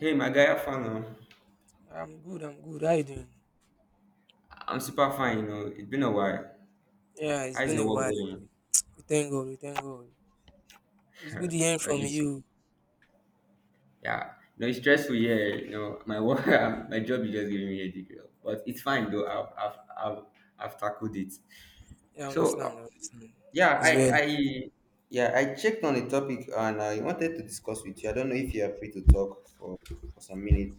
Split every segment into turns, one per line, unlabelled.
Hey, my guy, how far now?
I'm good, I'm good. How you doing?
I'm super fine, you know. It's been a while.
Yeah, it's
How's
been
your
a
work
while.
going?
We thank God, we thank God. It's good hearing
Uh,
from
it's,
you.
yeah, no, it's stressful, yeah. You know, my work, my job is just giving me a degree, but it's fine though. I've tackled it.
Yeah, I
So, uh,
understand, I understand.
yeah,
It's
I,
well.
I, yeah, I checked on the topic and I wanted to discuss with you. I don't know if you are free to talk for some minutes.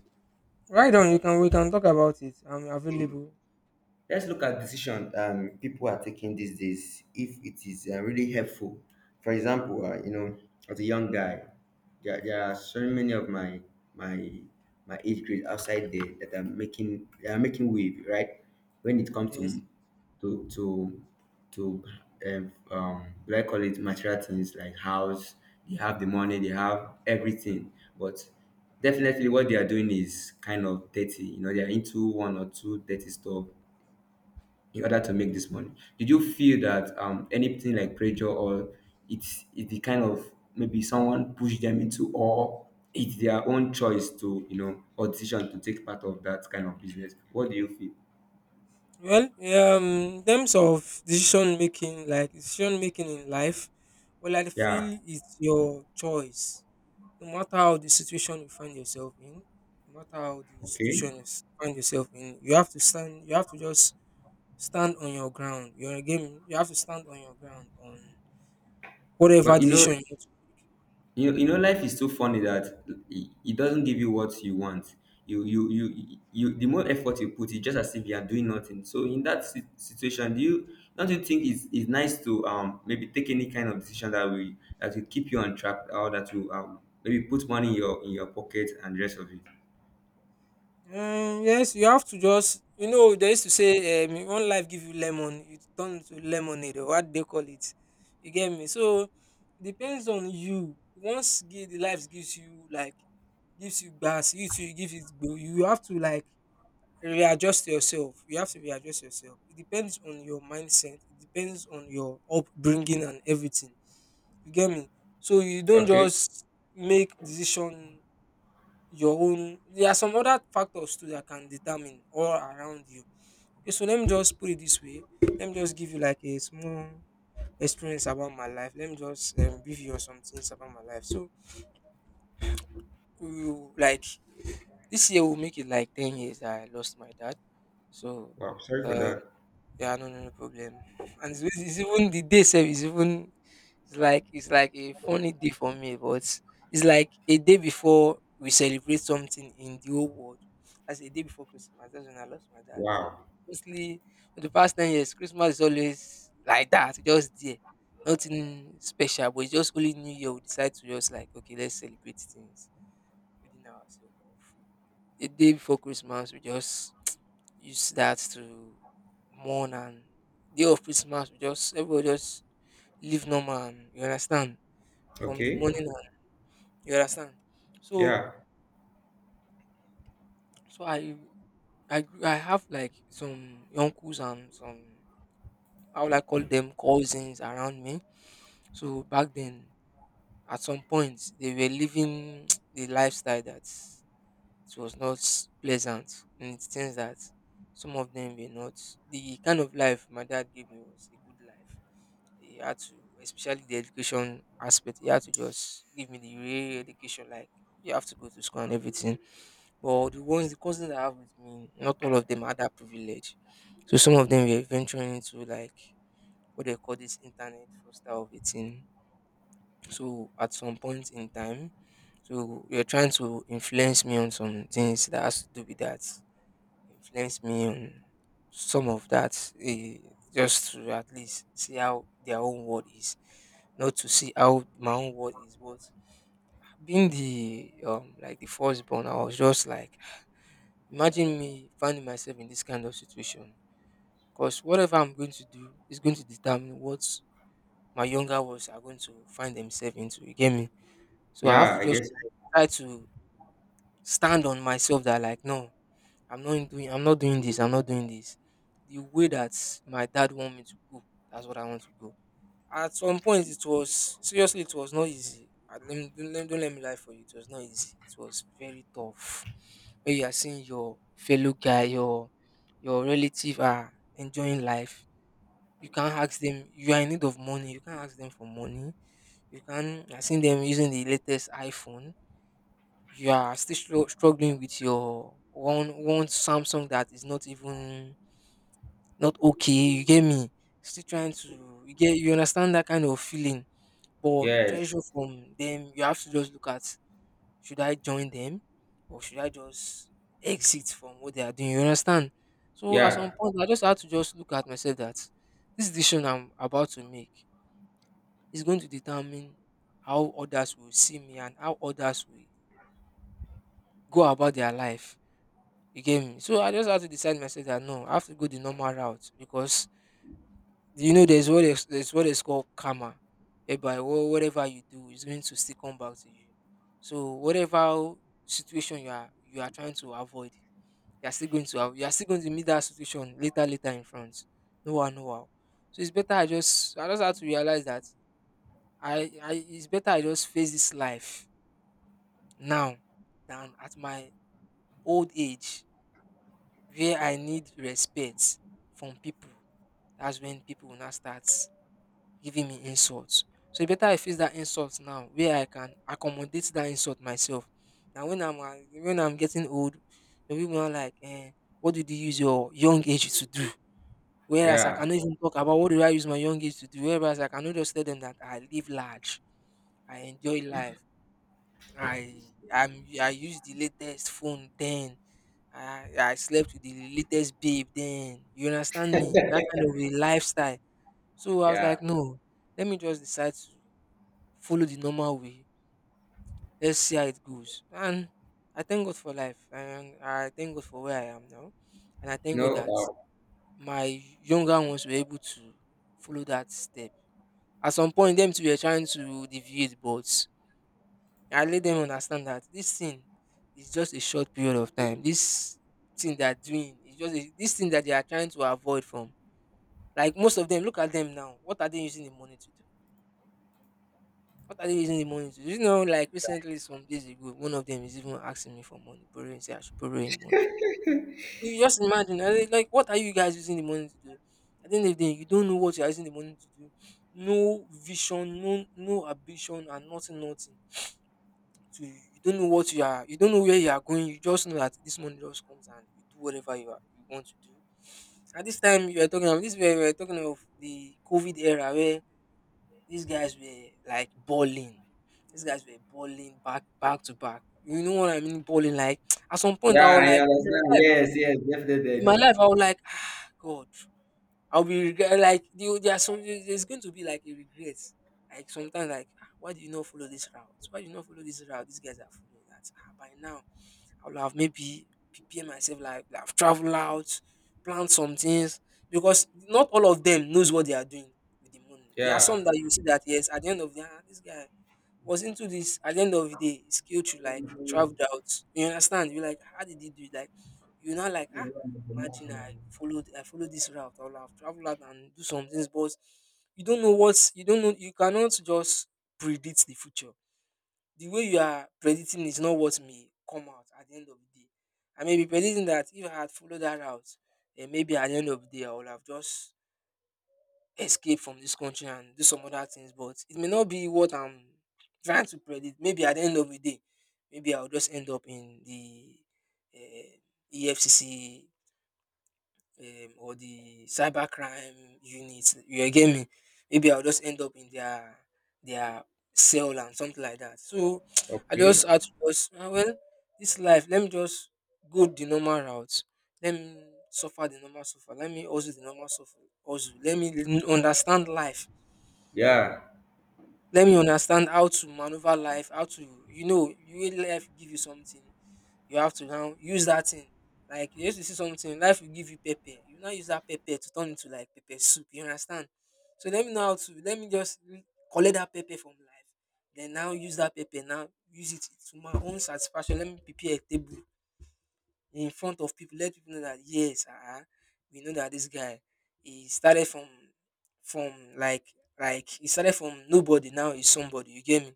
Right on, you can we can talk about it. I'm available.
Let's look at decision people are taking these days if it is really helpful. For example, you know, as a young guy, there are so many of my my age grade outside there that are making they are making wave right when it comes
Yes.
to to to to do I call it material things like house. They have the money, they have everything, but definitely what they are doing is kind of dirty. You know, they are into one or two dirty stuff in order to make this money. Did you feel that anything like pressure or it's the kind of maybe someone pushed them into, or it's their own choice to, you know, or decision to take part of that kind of business? What do you feel?
Well, yeah, in terms of decision making, like decision making in life, well, I
Yeah.
feel it's your choice. No matter how the situation you find yourself in, no matter how the
Okay.
situation find yourself in, you have to stand. You have to just stand on your ground. You have to stand on your ground on whatever
But you know,
decision you
you know life is so funny that it doesn't give you what you want. You The more effort you put, it's just as if you are doing nothing. So in that situation, do you don't you think it's nice to maybe take any kind of decision that will keep you on track, or that will maybe put money in your pocket and the rest of it?
make. Yes, you have to just they used to say, one life give you lemon, you turn to lemonade or what they call it. You get me? So, depends on you. The life gives you like gives you gas, you give it go. You have to like readjust yourself. You have to readjust yourself. It depends on your mindset. It depends on your upbringing and everything. You get me? So you don't
Okay.
just make decision your own. There are some other factors too that can determine all around you. Okay, so let me just put it this way. Let me just give you like a small experience about my life. Let me just give you some things about my life. So, you like this year will make it like 10 years that I lost my dad. So,
Wow, sorry for
um
that.
yeah, no, no, no problem. And it's even the day itself is even it's like a funny day for me, but it's like a day before we celebrate something in the whole world. That's a day before Christmas. That's when I lost my dad. So
Wow.
mostly for the past 10 years, Christmas is always like that, just there. Nothing special, but it's just only New Year we decide to just like okay, let's celebrate things within ourselves. The day before Christmas, we just use that to mourn, and day of Christmas, we just everybody just live normal. And, you understand? From the
Okay.
morning, and, you understand? So,
Yeah,
so I have like some uncles and some, how would I call them, cousins around me. So back then, at some point, they were living the lifestyle that it was not pleasant, and it seems that some of them were not. The kind of life my dad gave me was a good life. He had to, especially the education aspect, he had to just give me the real education, like you have to go to school and everything. But the ones, the cousins I have with me, not all of them had that privilege. So some of them were venturing into like what they call this internet fraudster of a thing. So at some point in time, so you're trying to influence me on some things that has to do with that, influence me on some of that, just to at least see how their own world is, not to see how my own world is. But being the like the firstborn, I was just like, imagine me finding myself in this kind of situation. Because whatever I'm going to do is going to determine what my younger ones are going to find themselves into. You get me? So I have
yeah,
to
I
just
guess.
like, try to stand on myself that like no, I'm not doing this, I'm not doing this. The way that my dad want me to go, that's what I want to go. At some point, it was not easy. I, let me, don't let me lie for you, it was not easy. It was very tough. When you are seeing your fellow guy, your relative are enjoying life. You can't ask them you are in need of money, you can't ask them for money. You can I seen them using the latest iPhone, you are still struggling with your one Samsung that is not even not okay, you get me? Still trying to, you understand that kind of feeling. But
Yes.
pressure from them, you have to just look at, should I join them or should I just exit from what they are doing? You understand? So at some
Yeah,
point I just had to just look at myself that this decision I'm about to make is going to determine how others will see me and how others will go about their life. You get me? So I just had to decide myself that no, I have to go the normal route, because there's what is, called karma, whereby whatever you do is going to still come back to you. So whatever situation you are trying to avoid, you are still going to meet that situation later in front, no one no how. So it's better, I just have to realize that, I it's better I just face this life now than at my old age where I need respect from people. That's when people will not start giving me insults. So it's better I face that insult now where I can accommodate that insult myself. Now when I'm getting old, the people are like, what did you use your young age to do? Whereas I
yeah,
cannot even talk about what did I use my young age to do. Whereas I cannot just tell them that I live large, I enjoy life, I use the latest phone then. I slept with the latest babe then. You understand me? That kind of a lifestyle. So I was
yeah,
like, no, let me just decide to follow the normal way. Let's see how it goes. And I thank God for life. And I thank God for where I am now. And I
you
thank God that
know.
my younger ones were able to follow that step. At some point, them too were trying to deviate, but I let them understand that this thing is just a short period of time. This thing they're doing is just a, this thing that they are trying to avoid from. Like most of them, look at them now. What are they using the money to do? What are they using the money to do? Like recently, some days ago, one of them is even asking me for money, borrowing, say I should borrow him money. You just imagine, I was like, what are you guys using the money to do? At the end of the day, you don't know what you're using the money to do. No vision, no ambition, and nothing, nothing. To you don't know what you are, you don't know where you are going. You just know that this money just comes and you do whatever you want to do. At this time, you are talking about this, where we are talking of the COVID era where these guys were like balling. These guys were balling back to back. You know what I mean? Balling like at some point I
Yeah,
was
I
like in my
understand.
life,
Yes, yes, definitely. I
in my
know.
life I was like, ah, God, I'll be regret, like there's some, there's going to be like a regret. Like sometimes like, ah, why do you not follow this route? Why do you not follow this route? These guys are following that. Ah, by now I would have maybe prepare myself, like I've traveled out, planned some things, because not all of them knows what they are doing with the money. There are
Yeah.
some that you see that yes, at the end of the day, ah, this guy was into this. At the end of the day, he's killed, you like traveled out. You understand? You're like, how did he do it? Like you're not like, ah, imagine I followed this route. I would have traveled out and do some things, but you don't know. You cannot just predict the future. The way you are predicting is not what may come out at the end of the day. I may be predicting that if I had followed that route, then maybe at the end of the day I would have just escaped from this country and do some other things. But it may not be what I'm trying to predict. Maybe at the end of the day, maybe I'll just end up in the EFCC, or the cybercrime unit. You get me? Maybe I'll just end up in their cell and something like that. So I
Okay.
just had to just, ah, well, this life. Let me just go the normal route. Let me suffer the normal suffer. Let me also the normal suffer. Also, let me understand life.
Yeah.
Let me understand how to maneuver life. How to you will life give you something, you have to now use that thing. Like you used to see something, life will give you pepper. You now use that pepper to turn into like pepper soup. You understand? So let me know how to let me just re- collect that pepper from life. Then now use that pepper. Now use it to my own satisfaction. Let me prepare a table in front of people. Let people know that yes, ah, we know that this guy he started from like like he started from nobody. Now he's somebody. You get me?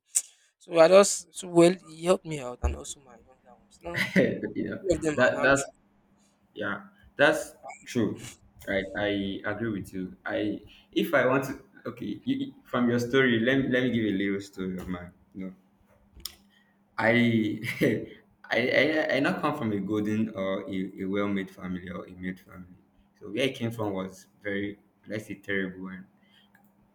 So I just well, he helped me out and also my younger ones. Now
You know
all of them are
that
now
that's,
true.
yeah, that's true, right. I agree with you. I If I want to, okay, from your story, let me give a little story of mine, you know. I I not come from a golden or a well-made family or a made family, so where I came from was very, let's say, terrible.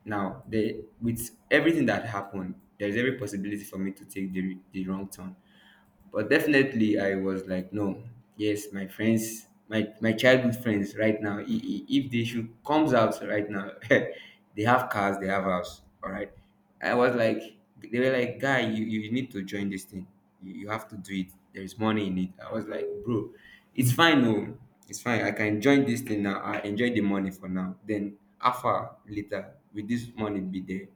Now the with everything that happened, there is every possibility for me to take the wrong turn, but definitely, I was like, no, yes, my friends, my childhood friends, right now, if the issue comes out right now, they have cars, they have house, all right. I was like, they were like, guy, you need to join this thing. You have to do it. There is money in it. I was like, bro, it's fine, no, it's fine. I can join this thing now. I enjoy the money for now. Then, after later, with this money be there,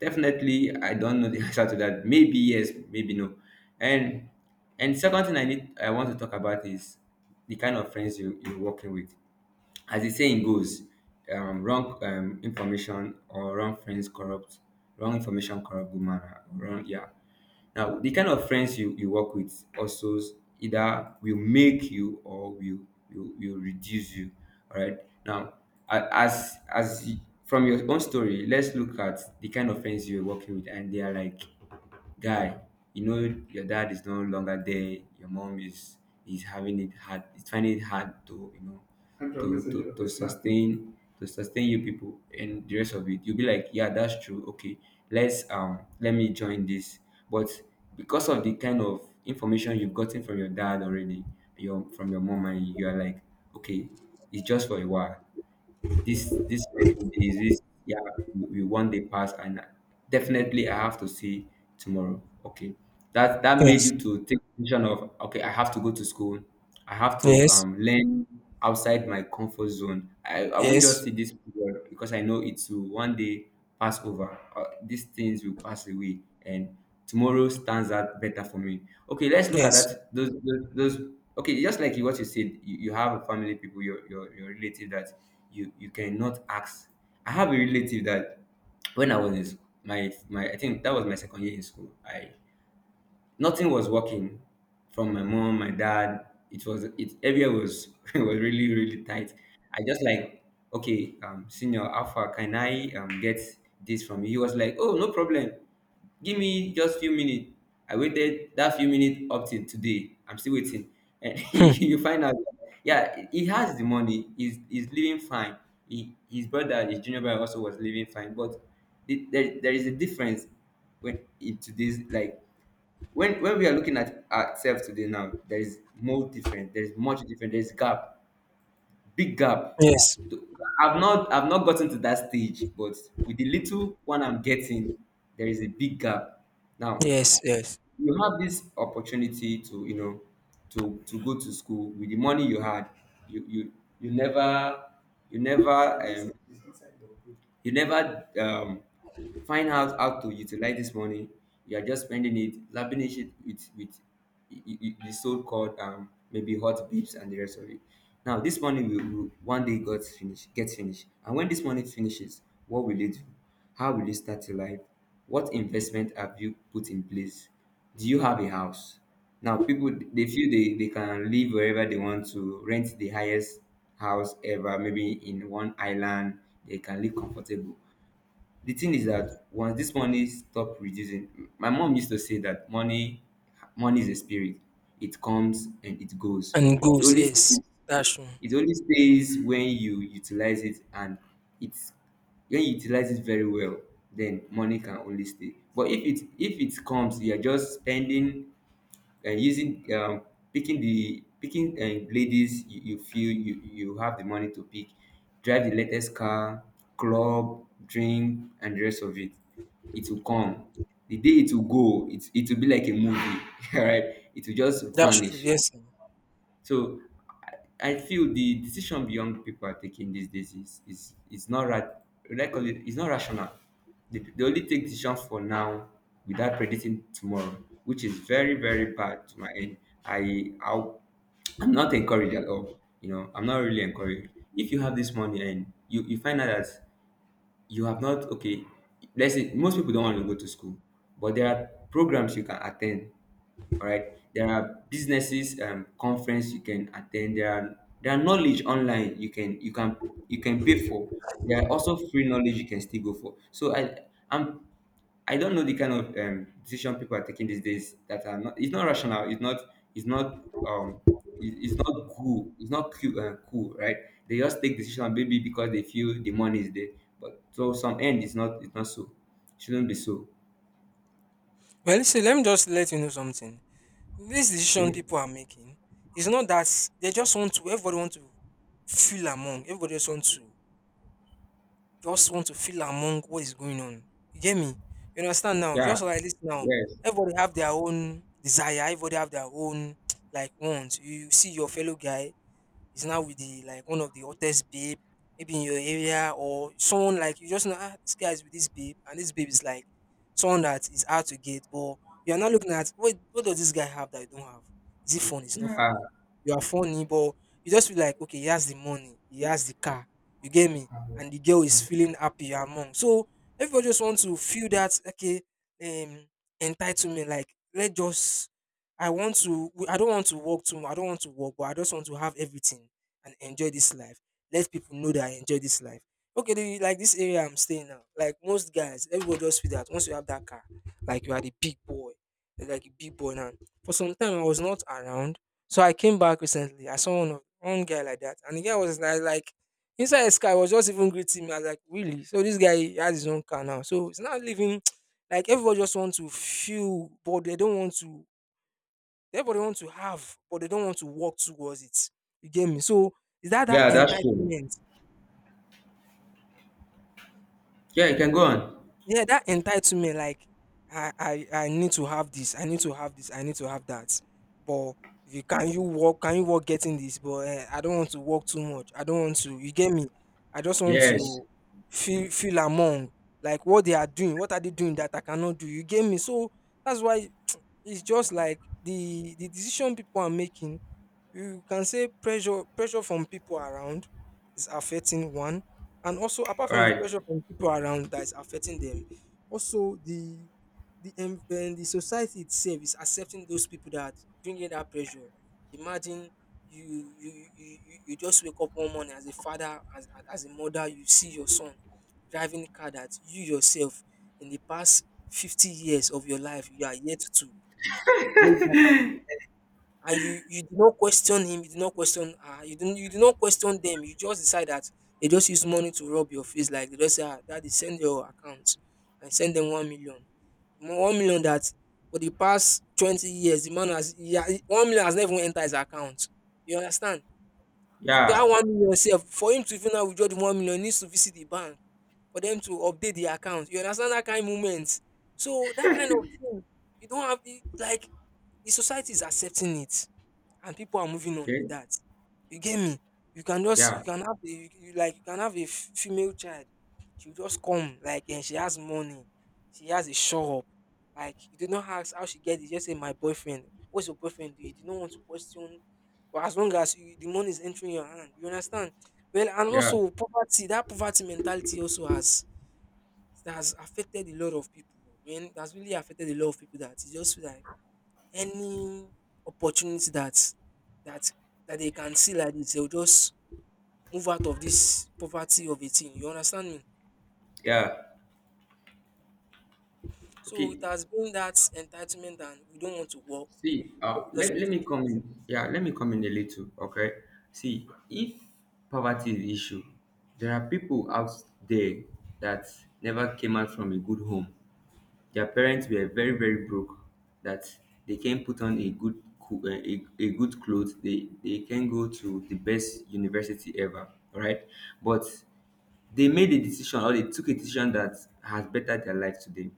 definitely, I don't know the answer to that. Maybe yes, maybe no. And second thing I want to talk about is the kind of friends you're working with. As the saying goes, wrong information or wrong friends corrupt, wrong information corrupt good manner wrong, yeah. Now the kind of friends you work with also either will make you or will will reduce you, all right. Now as from your own story, let's look at the kind of friends you're working with, and they are like, guy, you know your dad is no longer there, your mom is having it hard, it's finding it hard to, you know, to to sustain, to sustain you people and the rest of it. You'll be like, yeah, that's true, okay, let's let me join this. But because of the kind of information you've gotten from your dad already, your from your mom, and you are like, okay, it's just for a while, this pending days, this, yeah, we one day pass, and definitely I have to see tomorrow. Okay, that made
Yes,
you to take decision of, okay, I have to go to school, I have to
yes,
learn outside my comfort zone. I won't
yes,
just see this period because I know it will one day pass over. These things will pass away, and tomorrow stands out better for me. Okay, let's look at
yes.
that. Those okay, just like you, what you said, you have a family, people, your relative that you cannot ask. I have a relative that when I was in I think that was my second year in school, I nothing was working from my mom, my dad. It was it everywhere was it was really really tight. I just like, okay, senior, how far can I um get this from you? He was like, oh, no problem. Give me just few minutes. I waited that few minutes up till today. I'm still waiting, and
Hmm,
you find out. Yeah, he has the money. He's living fine. He, his brother, his junior brother, also was living fine. But the, there is a difference when in today's, like, when we are looking at ourselves today, now there is more different, there is much different, there is gap, big gap.
yes,
Th- I've not gotten to that stage, but with the little one I'm getting, there is a big gap now.
yes, yes.
You have this opportunity to, you know, to go to school with the money you had. you you you never, you never um, you never um find out how to utilize this money. You are just spending it, lavish it with the so-called maybe hot babes and the rest of it. Now this money will one day got finish, get finished, and when this money finishes, what will you do? How will you start your life? What investment have you put in place? Do you have a house? Now people they feel they can live wherever they want, to rent the highest house ever, maybe in one island, they can live comfortable. The thing is that once this money stop reducing, my mom used to say that money is a spirit. It comes and it goes.
And
It
goals,
only
yes.
stays,
That's true.
it only stays when you utilize it, and it's when you utilize it very well, then money can only stay. But if it comes, you are just spending and using picking uh ladies, you feel you have the money to pick, drive the latest car, club, drink, and the rest of it, it will come. The day it will go, it will be like a movie, all right, it will just
That's true,
vanish.
yes. Mm.
So I feel the decision young people are taking these days is is not right. Like, call it, it's not rational. They only take decisions for now without predicting tomorrow, which is very very bad to my end. I I'll, I'm not encouraged at all. You know, I'm not really encouraged. If you have this money, and you find out that you have not, okay, let's say most people don't want to go to school, but there are programs you can attend, all right, there are businesses um conference you can attend, there are knowledge online you can, you can pay for, there are also free knowledge you can still go for. I'm I don't know the kind of um decision people are taking these days that are not, it's not rational, it's not, it's not um it's not cool, it's not cool, cool, right. They just take decision maybe because they feel the money is there, but so some end is not, it's not so, shouldn't be so.
Well, listen, let me just let you know something. This decision
Okay.
people are making is not that they just want to, everybody want to feel among, everybody just want to feel among what is going on. You get me? You understand now?
Yeah.
Just like this now,
Yes.
everybody have their own desire, everybody have their own like wants. You see your fellow guy, is now with the like one of the hottest babe, maybe in your area or someone like you just know ah, this guy is with this babe and this babe is like someone that is out to get, but you are not looking at what does this guy have that you don't have? Is it funny? It's not
Yeah.
funny. You are funny, but you just feel like okay, he has the money, he has the car, you get me, and the girl is feeling happy you're among. So everybody just want to feel that okay, um entitlement, like let's just I don't want to work too much. I don't want to work, but I just want to have everything and enjoy this life. Let people know that I enjoy this life. Okay, the, like this area I'm staying now. Like most guys, everybody just feel that once you have that car, like you are the big boy. You're like a big boy now. For some time I was not around. So I came back recently. I saw one guy like that. And the guy was like inside the sky was just even greeting me. I was like, really? So this guy he has his own car now. So it's not living. like everybody just want to feel, but they don't want to. Everybody want to have, but they don't want to work towards it. You get me? So, is that that
Yeah, that's true.
entitlement.
Yeah, you can go on.
Yeah, that entitlement, like I need to have this, I need to have this, I need to have that. But if you can you work, can you work getting this? But I don't want to work too much. I don't want to. You get me? I just want
Yes.
to feel among like what they are doing. What are they doing that I cannot do? You get me? So that's why it's just like the decision people are making. You can say pressure from people around is affecting one. And also, apart
All
from the
right.
pressure from people around that is affecting them, also the and the society itself is accepting those people that bringing that pressure. Imagine you just wake up one morning as a father, as as a mother, you see your son driving a car that you yourself in the past 50 years of your life you are yet to make that, and you did not question him, you did not question her, you did not question them. You just decide that they just use money to rub your face, like they just say, ah, daddy, send your account and send them ₦1,000,000. ₦1,000,000 that for the past 20 years, the man has yeah, ₦1,000,000 has never even entered his account. You understand? That
Yeah.
₦1,000,000 self, for him to even now withdraw the ₦1,000,000, he needs to visit the bank for them to update the account. You understand that kind of moment? So that kind of thing, you don't have it, like the society is accepting it and people are moving on with
Okay.
that. You get me? You
Yeah.
can have a, you like you can have a female child. She will just come like and she has money. She has a shop. Like you do not ask how she get it. Just say my boyfriend. What's your boyfriend do? You do not want to question. But as long as you, the money is entering your hand, you understand. Well, and
Yeah.
also poverty. That poverty mentality also has that has affected a lot of people. I mean, that's really affected a lot of people. That it's just like any opportunity that that that they can see like this, they'll just move out of this poverty of a thing. You understand me?
Yeah.
So it
Okay.
has been that entitlement and we don't want to work, but we just want
Let
to
me
get.
come in. Yeah, let me come in a little. Okay. See, if poverty is the issue, there are people out there that never came out from a good home. Their parents were very very broke, that they can not put on a good a good clothes. They can go to the best university ever, all right? But they made a decision, or they took a decision that has bettered their life today.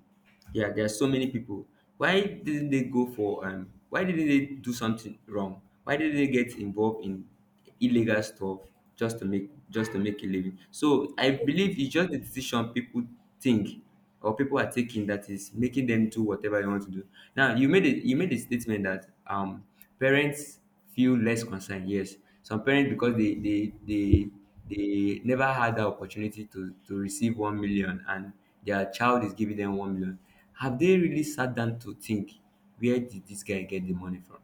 Yeah, there are so many people. Why didn't they go for um, why didn't they do something wrong? Why didn't they get involved in illegal stuff just to make, just to make a living? So I believe it's just the decision people think or people are taking that is making them do whatever you want to do. Now, you made a statement that parents feel less concerned. Yes. Some parents, because they never had the opportunity to receive 1 million, and their child is giving them 1 million. Have they really sat down to think, where did this guy get the money from?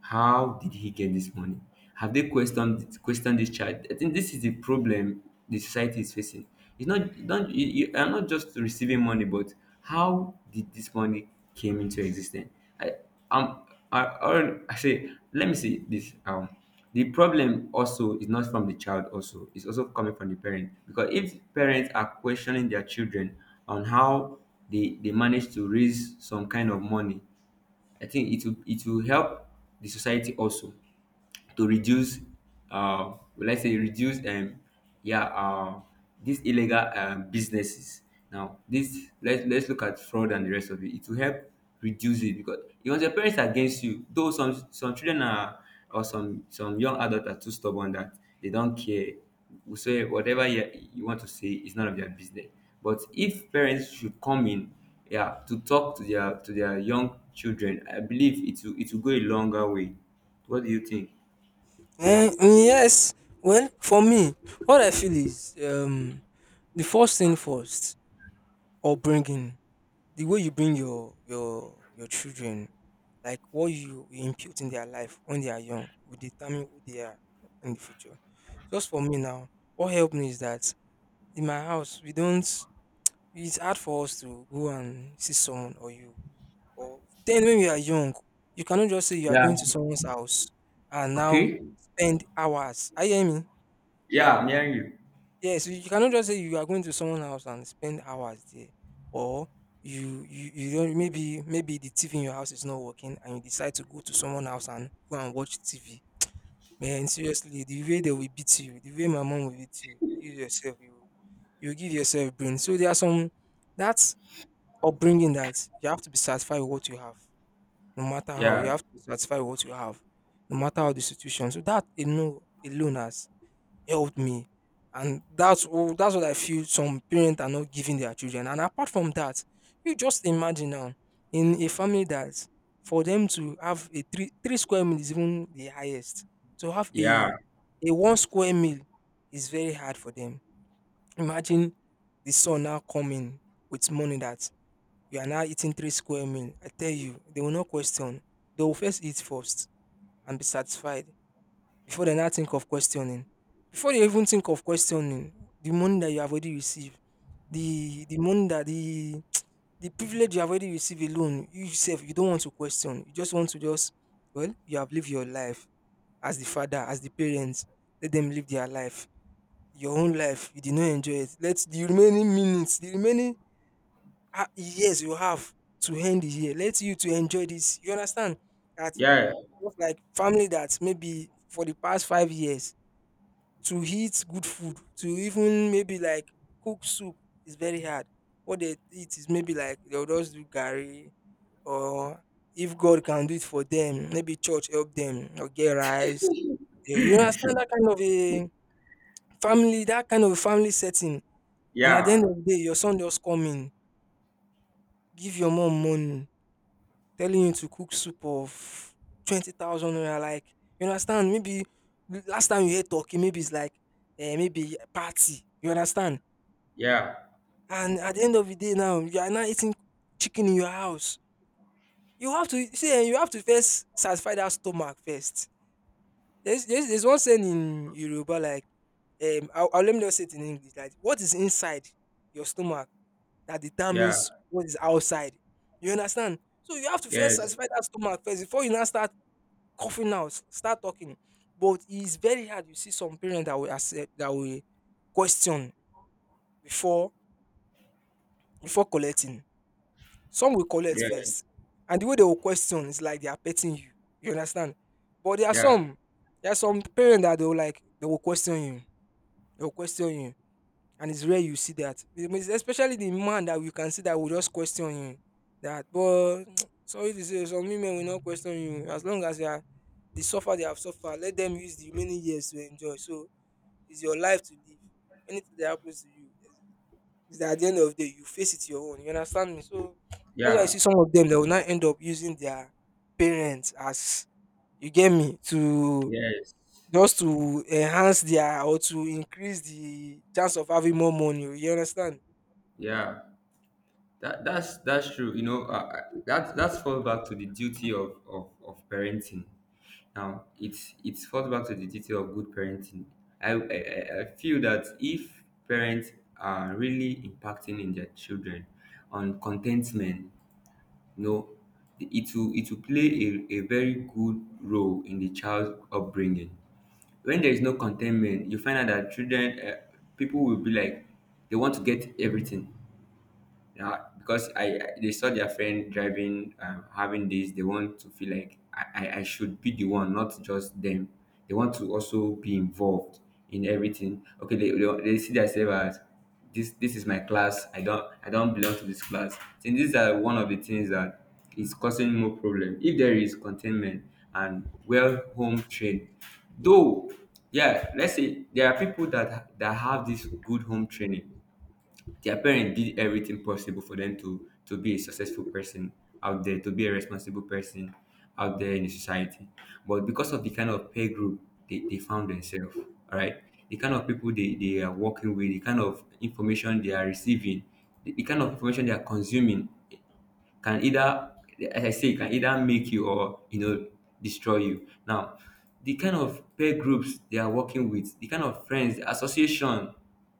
How did he get this money? Have they questioned this child? I think this is the problem the society is facing. It's not, don't you are not just receiving money, but how did this money came into existence? I um I say, let me see this, the problem also is not from the child, also it's also coming from the parent, because if parents are questioning their children on how they manage to raise some kind of money, I think it will help the society also to reduce, well, let's say reduce, yeah, these illegal businesses. Now, this let's look at fraud and the rest of it, it will help reduce it, because your parents are against you, though some children are, or some young adults are too stubborn that they don't care, will say whatever you want to say is none of their business. But if parents should come in, yeah, to talk to their young children, I believe it will go a longer way. What do you think?
Eh, mm, yes. Well, for me, what I feel is the first thing first, upbringing, the way you bring your your children. Like what you impute in their life when they are young will determine who they are in the future. Just for me now, what helped me is that in my house, we don't, it's hard for us to go and see someone or you. Or then when we are young, you cannot just say you are
Yeah.
going to someone's house and now
Okay.
spend hours. Are you hear me?
Yeah, I'm hearing you.
Yes, you cannot just say you are going to someone's house and spend hours there, or you don't maybe the TV in your house is not working and you decide to go to someone's house and go and watch TV. Man, seriously, the way they will beat you, the way my mom will beat you, you yourself, you give yourself brain. So there are some, that's upbringing, that you have to be satisfied with what you have, no matter how. You
Yeah,
have to be satisfied with what you have, no matter how the situation. So that alone, alone has helped me. And that's what I feel some parents are not giving their children. And apart from that, you just imagine now in a family that for them to have a three square meal is even the highest. To have
yeah,
a one square meal is very hard for them. Imagine the son now coming with money that you are now eating three square meal. I tell you, they will not question. They will first eat first and be satisfied before they now think of questioning. Before they even think of questioning, the money that you have already received, the money that the, the privilege you have already received alone, you yourself, you don't want to question. You just want to just, well, you have lived your life as the father, as the parents. Let them live their life. Your own life, you did not enjoy it. Let the remaining minutes, the remaining years you have to end the year, let you to enjoy this. You understand that?
yeah.
Just like family that maybe for the past 5 years to eat good food, to even maybe like cook soup is very hard. What they eat is maybe like they'll just do gari, or if God can do it for them, maybe church help them or get rice. You understand that kind of a family, that kind of family setting. And at the
Yeah,
end of the day, your son just come in, give your mom money, telling you to cook soup of 20,000 naira. Like, you understand? Maybe last time you heard talking, maybe it's like, maybe party. You understand?
yeah,
And at the end of the day now you are now eating chicken in your house. You have to see, eh, you have to first satisfy that stomach first. There's, one saying in Yoruba, like, I'll let me just say it in English, like what is inside your stomach that
yeah.
determines what is outside. You understand? So you have to first
Yes.
satisfy that stomach first before you now start start talking. But it's very hard. You see some parents that will accept that will question before collecting. Some will collect
Yeah,
first, and the way they will question is like they are petting you. You understand? But there are
yeah,
some, parents that they will like they will question you. They will question you. And it's rare you see that. It means, especially the man that you can see that will just question you. That but, sorry to say, some women will not question you. As long as you are, they suffer, they have suffered, let them use the remaining years to enjoy. So it's your life to live. Anything that happens to you, is that at the end of the day, you face it your own. You understand me? So that's why I
yeah.
see some of them that will not end up using their parents as, you get me, to
Yes.
just to enhance their or to increase the chance of having more money. You understand?
Yeah. That's true. You know, that's fall back to the duty of parenting. Now, it's falls back to the duty of good parenting. I feel that if parents are really impacting in their children on contentment, you know, it will play a very good role in the child's upbringing. When there is no contentment, you find out that children, people will be like, they want to get everything, yeah, because they saw their friend driving, having this, they want to feel like I should be the one, not just them. They want to also be involved in everything. Okay, they see themselves as this. This is my class. I don't belong to this class. And these are one of the things that is causing more problem. If there is containment and well home trained, though, yeah, let's say there are people that have this good home training, their parents did everything possible for them to be a successful person out there, to be a responsible person out there in the society, but because of the kind of peer group they found themselves, all right, the kind of people they are working with, the kind of information they are receiving, the kind of information they are consuming, can either, as I say, it can either make you or destroy you. Now, the kind of peer groups they are working with, the kind of friends, the association,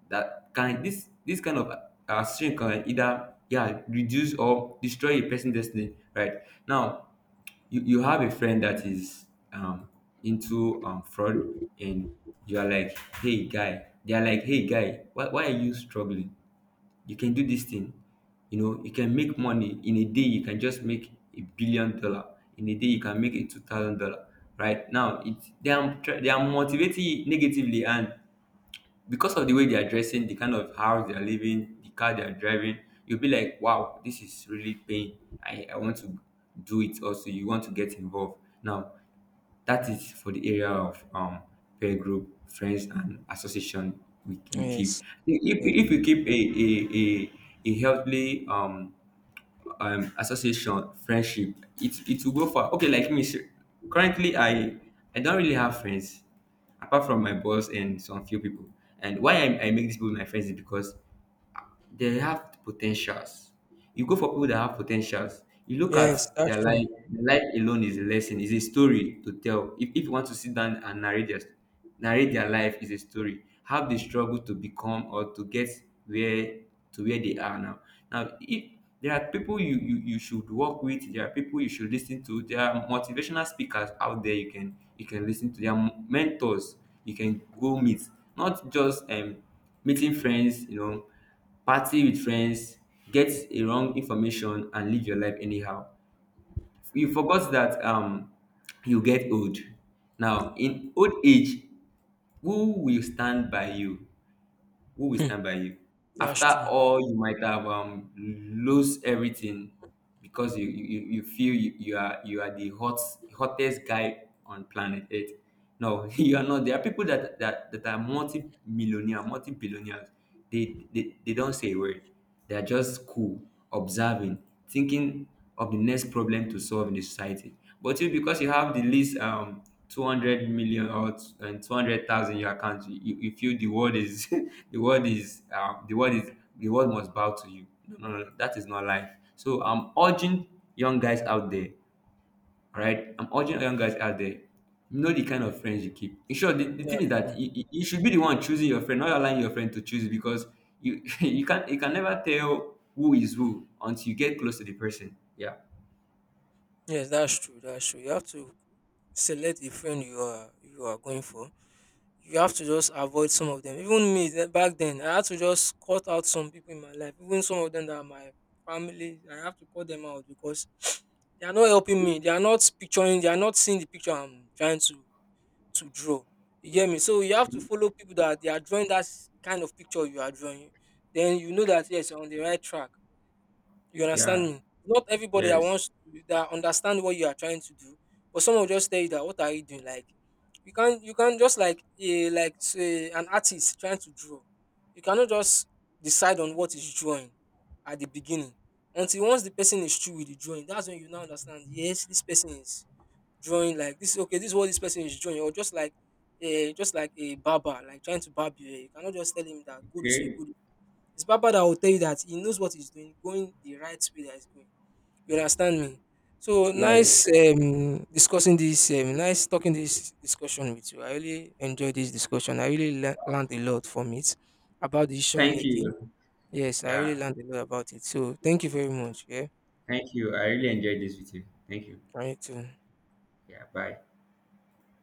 that can this kind of association can either, yeah, reduce or destroy a person's destiny. Right now, you have a friend that is um into fraud, and you are like hey guy they are like, hey, guy, why are you struggling? You can do this thing, you can make money in a day, you can just make $1 billion in a day, you can make a $2,000. Right now, it they are motivating you negatively, and because of the way they are dressing, the kind of house they are living, the car they are driving, you'll be like, wow, this is really paying. I want to do it also. You want to get involved. Now, that is for the area of peer group, friends, and association we keep.
Yes,
If,
yes.
if we keep a healthy association friendship, it will go far. Okay, like currently, I don't really have friends apart from my boss and some few people, and why I make these people my friends is because they have potentials. You go for people that have potentials. You look at
Yes, that's
their
true.
life. Their life alone is a lesson. Is a story to tell. If you want to sit down and narrate their life, is a story. How they struggle to become or to get where to where they are now. Now, if there are people you should work with, there are people you should listen to. There are motivational speakers out there. You can listen to. There are mentors you can go meet. Not just meeting friends. You know, party with friends, get a wrong information and live your life anyhow. You forgot that you get old. Now in old age, who will stand by you? Who will
Hmm.
stand by you?
That's
After
true.
all, you might have lose everything, because you feel you are the hottest guy on planet earth. No, you are not. There are people that are multi-millionaire multi-billionaires. They don't say a word. They are just cool, observing, thinking of the next problem to solve in the society. But you, because you have the least 200 million and 200,000 in your account, you feel the world is, um, the world is, the world must bow to you. No, no, no, that is not life. So I'm urging young guys out there, right? I'm urging young guys out there, know the kind of friends you keep. In short, the thing is
That's true.
that you should be the one choosing your friend, not allowing your friend to choose, because you you can never tell who is who until you get close to the person. Yeah.
Yes, that's true. That's true. You have to select the friend you are going for. You have to just avoid some of them. Even me, back then, I had to just cut out some people in my life. Even some of them that are my family, I have to cut them out because they are not helping me. They are not picturing. They are not seeing the picture I'm trying to draw. You get me? So you have to follow people that they are drawing that kind of picture you are drawing. Then you know that yes, you're on the right track. You understand
Yeah.
me? Not everybody that
Yes.
understand what you are trying to do, but some will just tell you that what are you doing? Like you can't just like a like say an artist trying to draw. You cannot just decide on what is drawing at the beginning. Until once the person is through with the drawing, that's when you now understand, yes, this person is drawing like this, okay, this is what this person is drawing, or just like a barber, like trying to barb your hair. You cannot just tell him that go this way,
Okay.
go, it's Baba that will tell you that he knows what he's doing, going the right way that he's going. You understand me? So
Yes.
nice discussing this, nice talking this discussion with you. I really enjoyed this discussion. I really learned a lot from it about decision
Thank
making.
you.
Yes, I
Yeah.
really learned a lot about it. So thank you very much. Yeah.
Thank you. I really enjoyed this with you. Thank you.
All right too.
Yeah. Bye.